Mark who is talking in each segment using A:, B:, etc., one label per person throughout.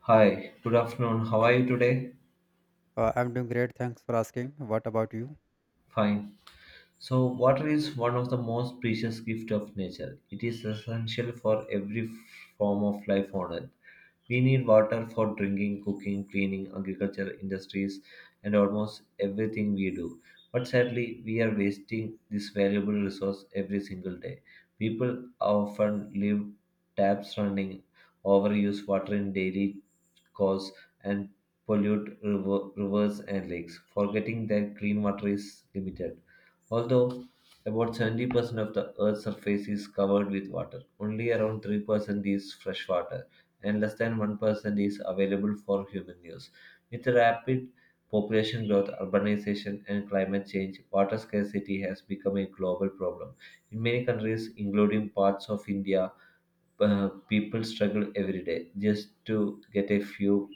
A: Hi, good afternoon. How are you today?
B: I'm doing great. Thanks for asking. What about you?
A: Fine. So, water is one of the most precious gifts of nature. It is essential for every form of life on earth. We need water for drinking, cooking, cleaning, agriculture, industries, and almost everything we do. But sadly, we are wasting this valuable resource every single day. People often leave taps running, overuse water in daily course, and pollute rivers and lakes, forgetting that clean water is limited. Although about 70% of the Earth's surface is covered with water, only around 3% is freshwater and less than 1% is available for human use. With rapid population growth, urbanization, and climate change, water scarcity has become a global problem. In many countries, including parts of India, people struggle every day just to get a few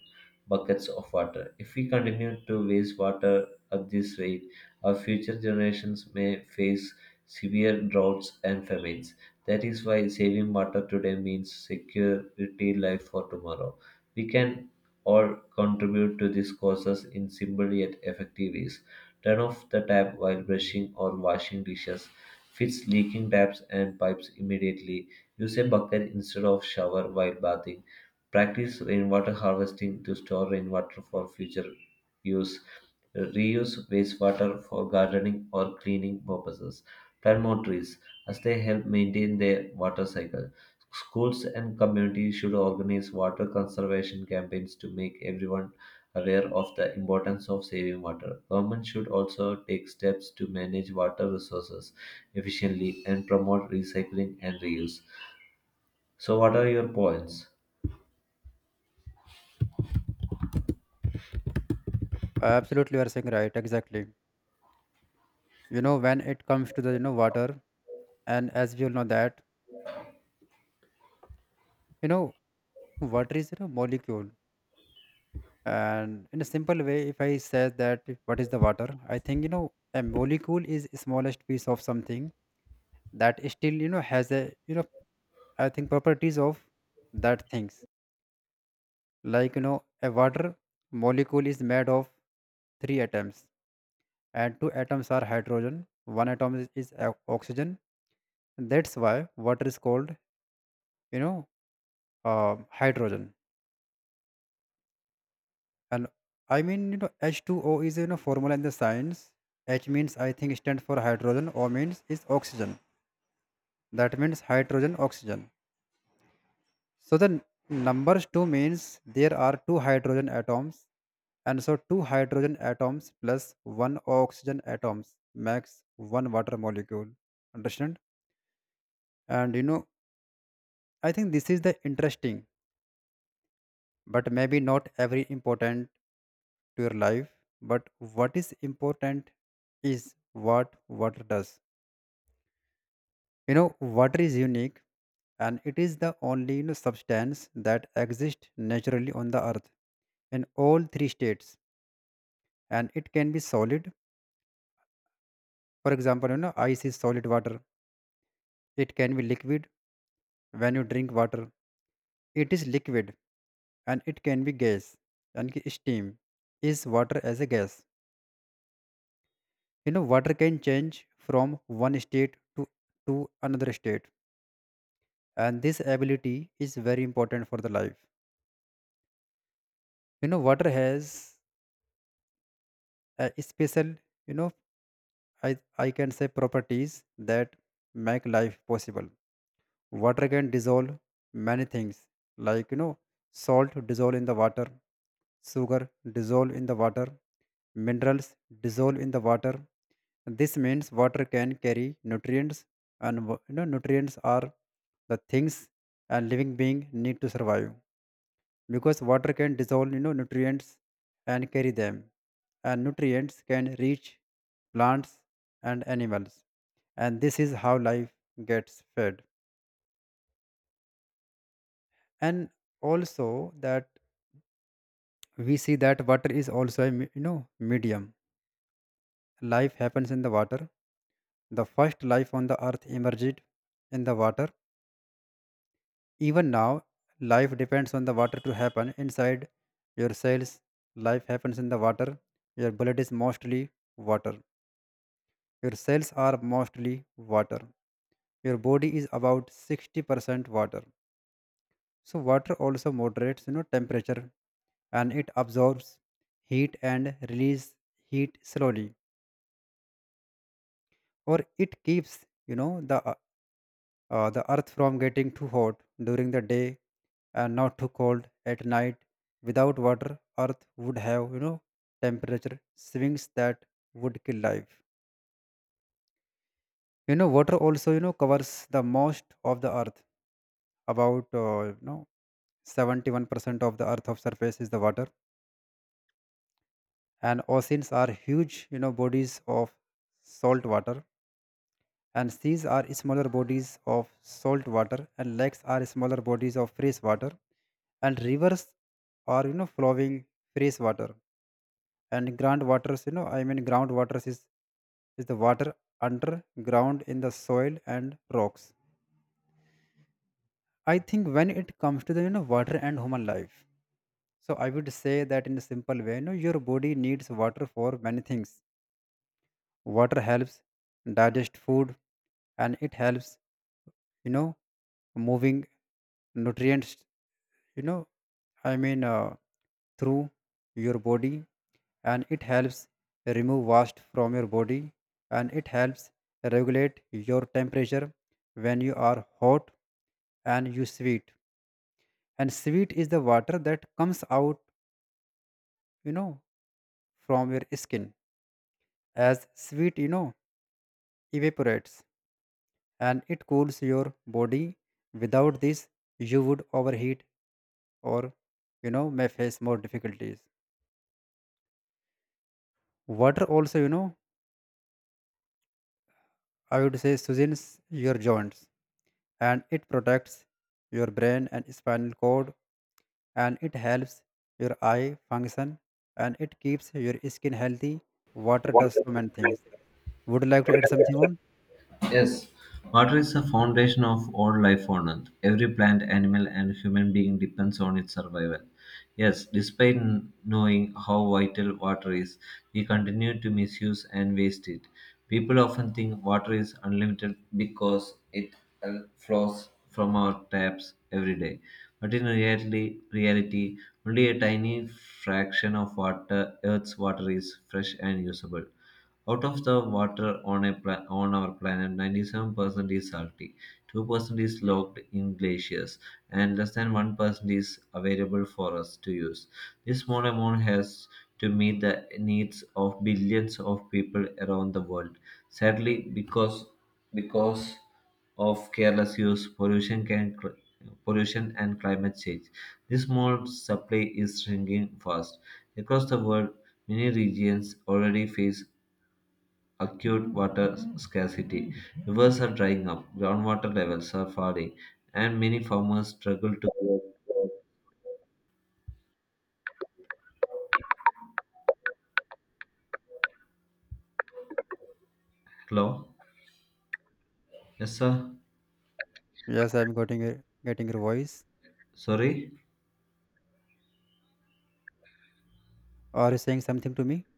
A: buckets of water. If we continue to waste water at this rate, our future generations may face severe droughts and famines. That is why saving water today means security life for tomorrow. We can all contribute to these causes in simple yet effective ways. Turn off the tap while brushing or washing dishes. Fix leaking taps and pipes immediately. Use a bucket instead of shower while bathing. Practice rainwater harvesting to store rainwater for future use. Reuse wastewater for gardening or cleaning purposes. Plant more trees as they help maintain their water cycle. Schools and communities should organize water conservation campaigns to make everyone aware of the importance of saving water. Government should also take steps to manage water resources efficiently and promote recycling and reuse. So, what are your points?
B: Absolutely you are saying right. Exactly. When it comes to the water, and as we all know that you know water is molecule, and in a simple way, if I say that what is the water, I think a molecule is smallest piece of something that still has a I think properties of that things. A water molecule is made of three atoms, and two atoms are hydrogen, one atom oxygen. That's why water is called you know hydrogen, and I mean h2o is formula in the science. H means I think stands for hydrogen, o means is oxygen, that means hydrogen oxygen. So the numbers 2 means there are two hydrogen atoms, and so two hydrogen atoms plus one oxygen atoms makes one water molecule. Understand? And I think this is the interesting, but maybe not every important to your life, but what is important is what water does. you know water is unique, and it is the only substance that exists naturally on the earth in all three states. And it can be solid, for example ice is solid water. It can be liquid, when you drink water it is liquid. And it can be gas, and steam is water as a gas. You know, water can change from one state to to another state, and this ability is very important for the life. You know, water has a special you know i I can say properties that make life possible. Water can dissolve many things, like salt dissolve in the water, sugar dissolve in the water, minerals dissolve in the water. This means water can carry nutrients, and nutrients are the things a living being need to survive. Because water can dissolve nutrients and carry them, and nutrients can reach plants and animals, and this is how life gets fed. And also that we see that water is also a medium. Life happens in the water. The first life on the earth emerged in the water. Even now, life depends on the water to happen inside your cells. Life happens in the water. Your blood is mostly water. Your cells are mostly water. Your body is about 60% water. So water also moderates temperature, and it absorbs heat and release heat slowly, or it keeps the earth from getting too hot during the day and not too cold at night. Without water, earth would have temperature swings that would kill life. You know, water also covers the most of the earth, about 71% of the earth of surface is the water. And oceans are huge bodies of salt water, and seas are smaller bodies of salt water, and lakes are smaller bodies of fresh water, and rivers are flowing fresh water. And ground waters, I mean ground waters is the water underground in the soil and rocks. I think when it comes to the water and human life, so I would say that in a simple way, your body needs water for many things. Water helps digest food, and it helps you know moving nutrients, you know i mean uh, through your body. And it helps remove waste from your body, and it helps regulate your temperature. When you are hot and you sweat, and sweat is the water that comes out you know from your skin. As sweat evaporates, and it cools your body. Without this, you would overheat or may face more difficulties. Water also, I would say soothes your joints, and it protects your brain and spinal cord, and it helps your eye function, and it keeps your skin healthy. Water
A: What
B: does so
A: is
B: many things. Would you like to add something on?
A: Yes, water is the foundation of all life on earth. Every plant, animal, and human being depends on its survival. Yes, despite knowing how vital water is, we continue to misuse and waste it. People often think water is unlimited because it flows from our taps every day. But in reality, only a tiny fraction of water, Earth's water is fresh and usable. Out of the water on on our planet, 97% is salty, 2% is locked in glaciers, and less than 1% is available for us to use. This small amount has to meet the needs of billions of people around the world. Sadly, because of careless use, pollution and climate change. This small supply is shrinking fast across the world. Many regions already face acute water scarcity. Rivers are drying up, groundwater levels are falling, and many farmers struggle to. Hello? Yes, sir.
B: Yes, I'm getting getting your voice.
A: Sorry?
B: Are you saying something to me?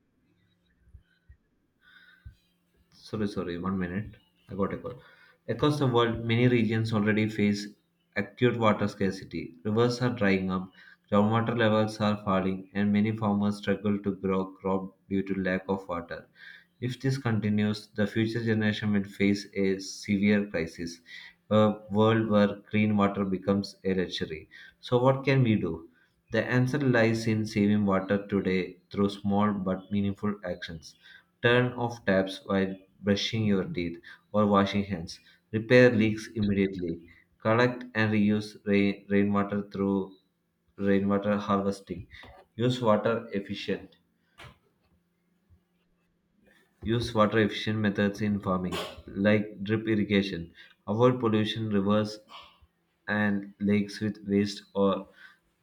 A: Sorry, 1 minute. I got a call. Across the world, many regions already face acute water scarcity. Rivers are drying up, groundwater levels are falling, and many farmers struggle to grow crop due to lack of water. If this continues, the future generation will face a severe crisis, a world where clean water becomes a luxury. So, what can we do? The answer lies in saving water today through small but meaningful actions. Turn off taps while brushing your teeth or washing hands. Repair leaks immediately. Collect and reuse rainwater through rainwater harvesting. Use water efficient. Use water efficient methods in farming, like drip irrigation. Avoid pollution, rivers, and lakes with waste or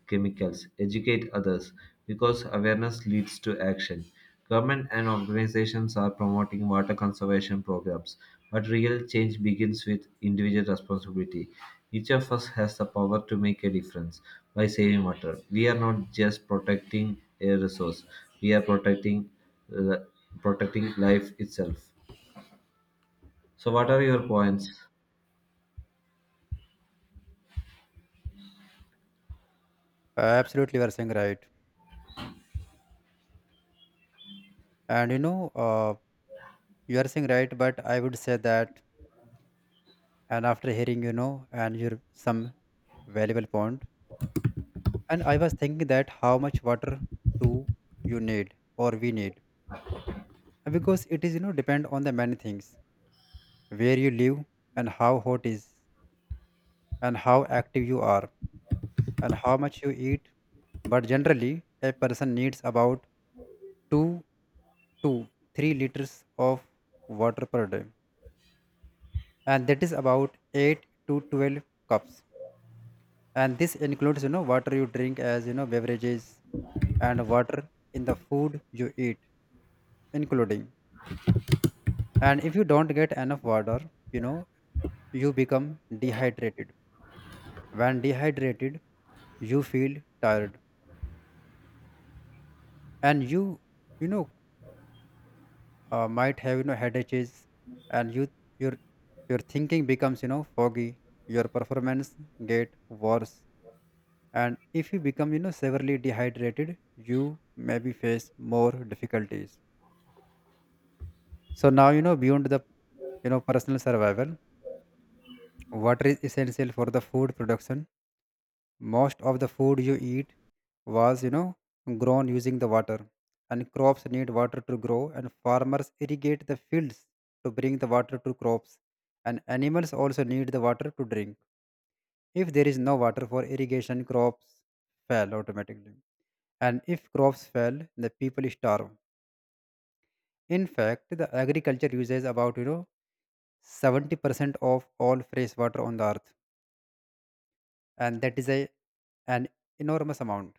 A: chemicals. Educate others because awareness leads to action. Government and organizations are promoting water conservation programs, but real change begins with individual responsibility. Each of us has the power to make a difference by saving water. We are not just protecting a resource; we are uh, protecting life itself. So, what are your points?
B: Absolutely, you are saying right. And you are saying right, but I would say that, and after hearing and your some valuable point, and I was thinking that how much water do you need or we need. And because it is depend on the many things, where you live, and how hot is, and how active you are, and how much you eat. But generally, a person needs about 2 to 3 liters of water per day, and that is about 8 to 12 cups. And this includes water you drink as beverages, and water in the food you eat including. And if you don't get enough water, you know you become dehydrated. When dehydrated, you feel tired, and you know might have headaches, and your your thinking becomes foggy, your performance get worse. And if you become severely dehydrated, you maybe face more difficulties. So now beyond the personal survival, water is essential for the food production. Most of the food you eat was grown using the water, and crops need water to grow, and farmers irrigate the fields to bring the water to crops, and animals also need the water to drink. If there is no water for irrigation, crops fail automatically, and if crops fail, the people starve. In fact, the agriculture uses about 70% of all fresh water on the earth, and that is a an enormous amount.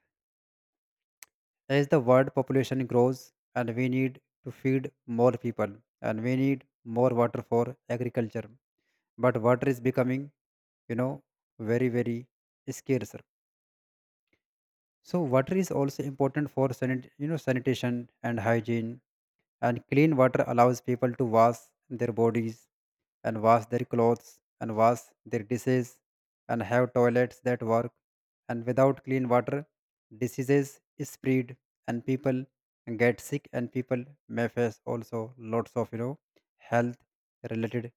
B: As the world population grows and we need to feed more people, and we need more water for agriculture, but water is becoming you know very very scarce. So water is also important for sanitation and hygiene. And clean water allows people to wash their bodies and wash their clothes and wash their dishes and have toilets that work. And without clean water, diseases spread and people get sick, and people may face also lots of health related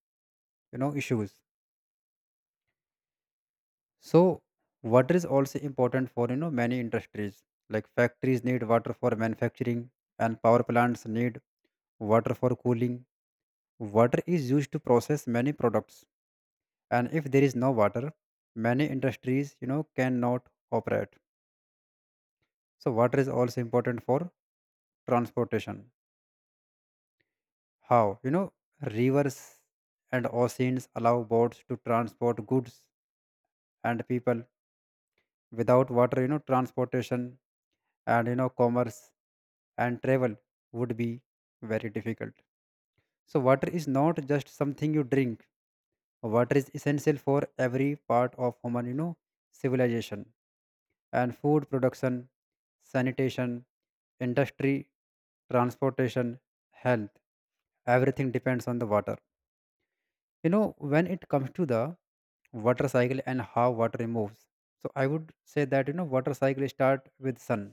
B: issues. So water is also important for many industries, like factories need water for manufacturing, and power plants need water for cooling. Water is used to process many products, and if there is no water, many industries cannot operate. So water is also important for transportation. How rivers and oceans allow boats to transport goods and people. Without water, transportation and commerce and travel would be very difficult. So water is not just something you drink. Water is essential for every part of human civilization, and food production, sanitation, industry, transportation, health, everything depends on the water. You know, when it comes to the water cycle and how water moves, so I would say that water cycle start with sun,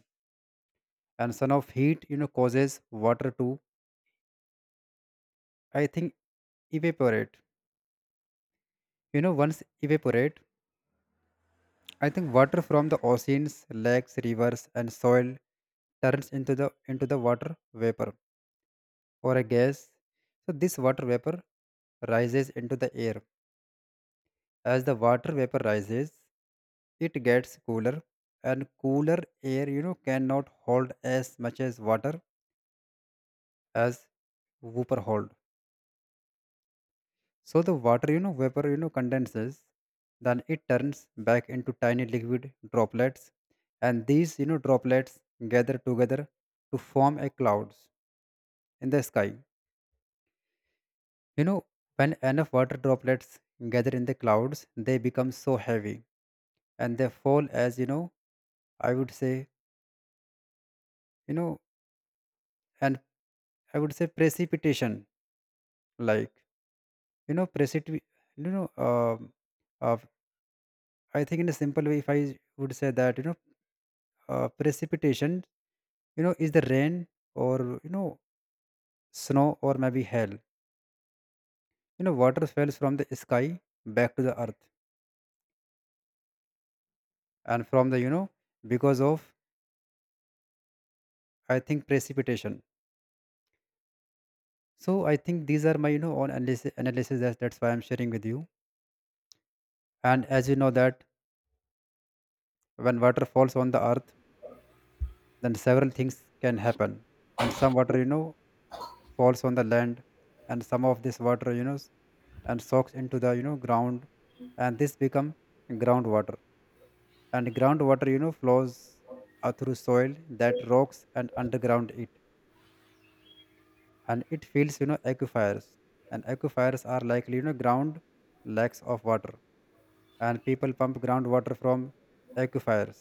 B: and sun of heat causes water to I think evaporate. You know, once evaporate, I think water from the oceans, lakes, rivers, and soil turns into the water vapor or a gas. So this water vapor rises into the air. As the water vapor rises, it gets cooler, and cooler air cannot hold as much as water as vapor hold. So the water, vapor, condenses, then it turns back into tiny liquid droplets, and these, droplets gather together to form a clouds in the sky. You know, when enough water droplets gather in the clouds, they become so heavy, and they fall as i would say you know and I would say precipitation, like you know precipit you know uh, I think in a simple way if I would say that precipitation is the rain or snow or maybe hail. You know, water falls from the sky back to the earth, and from the because of I think precipitation. So I think these are my own analysis, that's why I'm sharing with you. And as you know that when water falls on the earth, then several things can happen. And some water falls on the land, and some of this water you know s- and soaks into the ground, and this become groundwater. And groundwater flows through soil that rocks and underground it, and it fills aquifers. And aquifers are likely ground lacks of water, and people pump groundwater from aquifers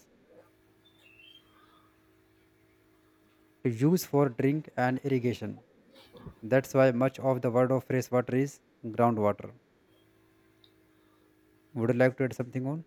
B: to use for drink and irrigation. That's why much of the world of fresh water is groundwater. Would you like to add something on?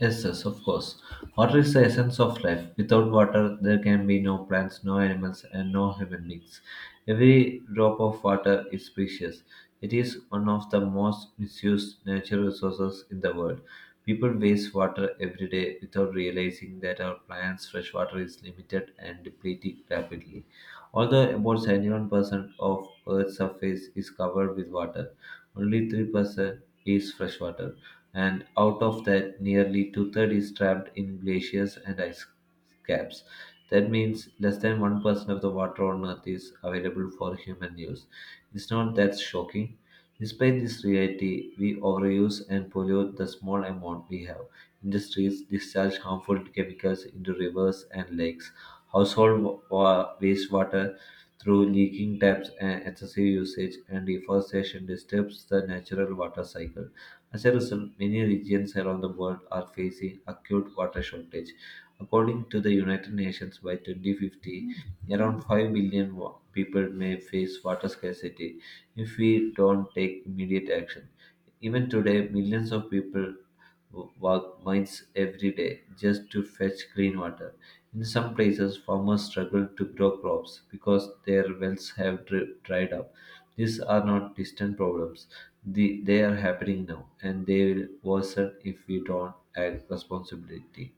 A: Yes, of course. Water is the essence of life. Without water, there can be no plants, no animals, and no human beings. Every drop of water is precious. It is one of the most misused natural resources in the world. People waste water every day without realizing that our plants' fresh water is limited and depleting rapidly. Although about 71% of Earth's surface is covered with water, only 3% is freshwater, and out of that, nearly two thirds is trapped in glaciers and ice caps. That means less than 1% of the water on Earth is available for human use. It's not that shocking. Despite this reality, we overuse and pollute the small amount we have. Industries discharge harmful chemicals into rivers and lakes household wa- wastewater through leaking taps and excessive usage, and deforestation disturbs the natural water cycle. As a result, many regions around the world are facing acute water shortage. According to the United Nations, by 2050, around 5 billion people may face water scarcity if we don't take immediate action. Even today, millions of people walk miles every day just to fetch clean water. In some places, farmers struggle to grow crops because their wells have dried up. These are not distant problems. They are happening now, and they will worsen if we don't act responsibility.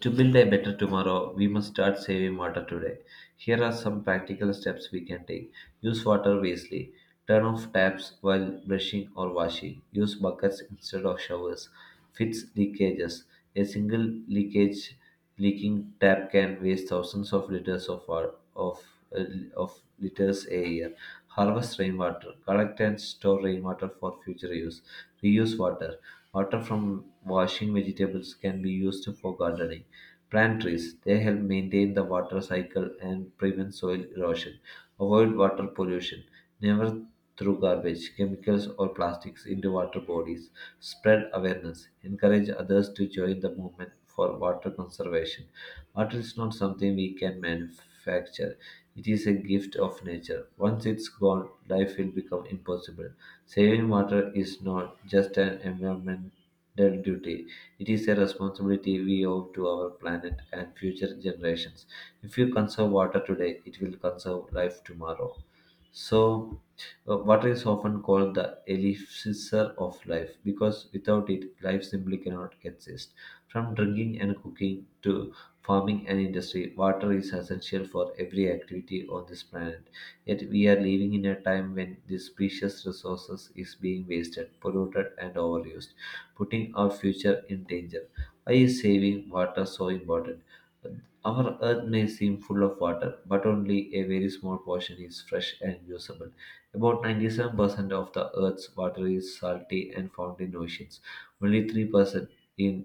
A: To build a better tomorrow, we must start saving water today. Here are some practical steps we can take. Use water wisely. Turn off taps while brushing or washing. Use buckets instead of showers. Fix leakages. A single leakage leaking tap can waste thousands of liters of water uh, of liters a year. Harvest rainwater. Collect and store rainwater for future use. Reuse water. Water from washing vegetables can be used for gardening. Plant trees. They help maintain the water cycle and prevent soil erosion. Avoid water pollution. Never throw garbage, chemicals, or plastics into water bodies. Spread awareness. Encourage others to join the movement for water conservation. Water is not something we can manufacture. It is a gift of nature. Once it's gone, life will become impossible. Saving water is not just an environmental duty, it is a responsibility we owe to our planet and future generations. If you conserve water today, it will conserve life tomorrow. So, water is often called the elixir of life because without it, life simply cannot exist. From drinking and cooking to farming and industry, water is essential for every activity on this planet. Yet, we are living in a time when this precious resources is being wasted, polluted, and overused putting our future in danger. Why is saving water so important? Our earth may seem full of water, but only a very small portion is fresh and usable. About 97% of the earth's water is salty and found in oceans. Only 3% in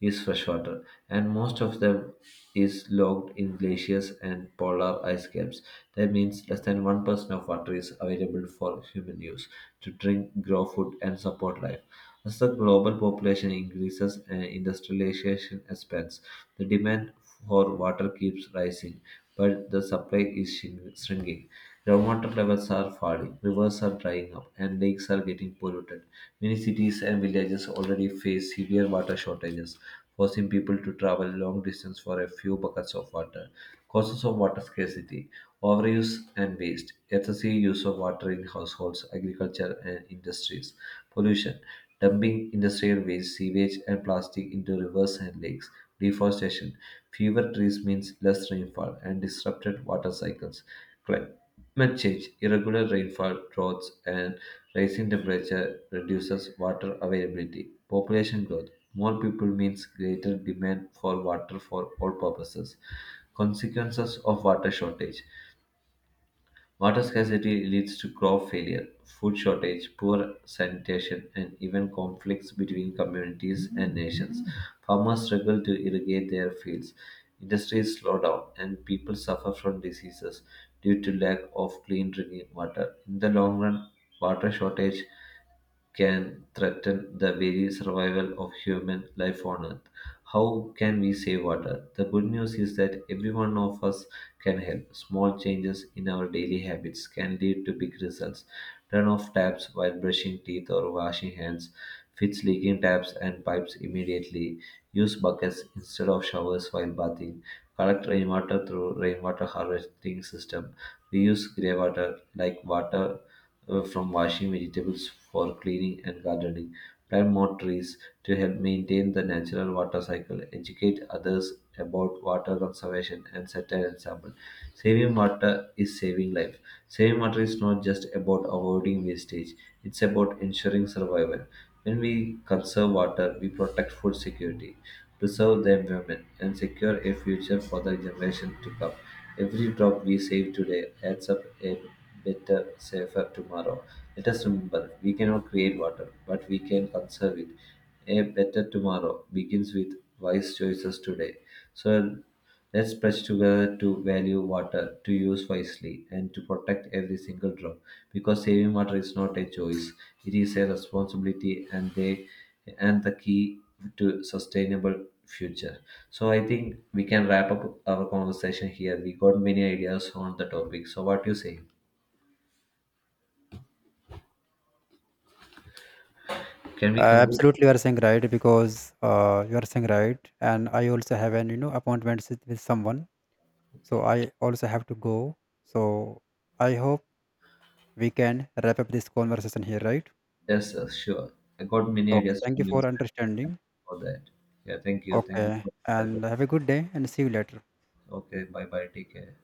A: is freshwater, and most of them is locked in glaciers and polar ice caps. That means less than 1% of water is available for human use to drink, grow food, and support life. As the global population increases and industrialization expands, the demand for water keeps rising, but the supply is shrinking. Groundwater levels are falling, rivers are drying up, and lakes are getting polluted. Many cities and villages already face severe water shortages, forcing people to travel long distance for a few buckets of water. Causes of water scarcity: overuse and waste, excessive use of water in households, agriculture, and industries, pollution, dumping industrial waste, sewage, and plastic into rivers and lakes, deforestation. Fewer trees means less rainfall and disrupted water cycles. Climate Climate change, irregular rainfall, droughts, and rising temperature reduces water availability. Population growth, more people means greater demand for water for all purposes. Consequences of water shortage. Water scarcity leads to crop failure, food shortage, poor sanitation, and even conflicts between communities and nations. Farmers struggle to irrigate their fields, industries slow down, and people suffer from diseases due to lack of clean drinking water. In the long run, water shortage can threaten the very survival of human life on earth. How can we save water? The good news is that every one of us can help. Small changes in our daily habits can lead to big results. Turn off taps while brushing teeth or washing hands. Fix leaking taps and pipes immediately. Use buckets instead of showers while bathing. Collect rainwater through rainwater harvesting system. Reuse grey water like water from washing vegetables for cleaning and gardening, plant more trees to help maintain the natural water cycle, educate others about water conservation, and set an example. Saving water is saving life. Saving water is not just about avoiding wastage, it's about ensuring survival. When we conserve water, we protect food security, preserve the environment, and secure a future for the generation to come. Every drop we save today adds up a better, safer tomorrow. Let us remember we cannot create water, but we can conserve it. A better tomorrow begins with wise choices today. So, let's pledge together to value water, to use wisely, and to protect every single drop. Because saving water is not a choice; it is a responsibility, and the key to sustainable future. So I think we can wrap up our conversation here. We got many ideas on the topic. So what do you say? Can we
B: uh,
A: conclude?
B: absolutely you are saying right, because you are saying right, and I also have an appointment with someone. So I also have to go. So I hope we can wrap up this conversation here, right?
A: Yes, sure. I got many
B: Okay.
A: ideas
B: Thank you
A: from you
B: for understanding.
A: for that. Yeah, thank you. Thank you
B: Okay.
A: for
B: And have a good day and see you later.
A: Okay, bye bye. Take care.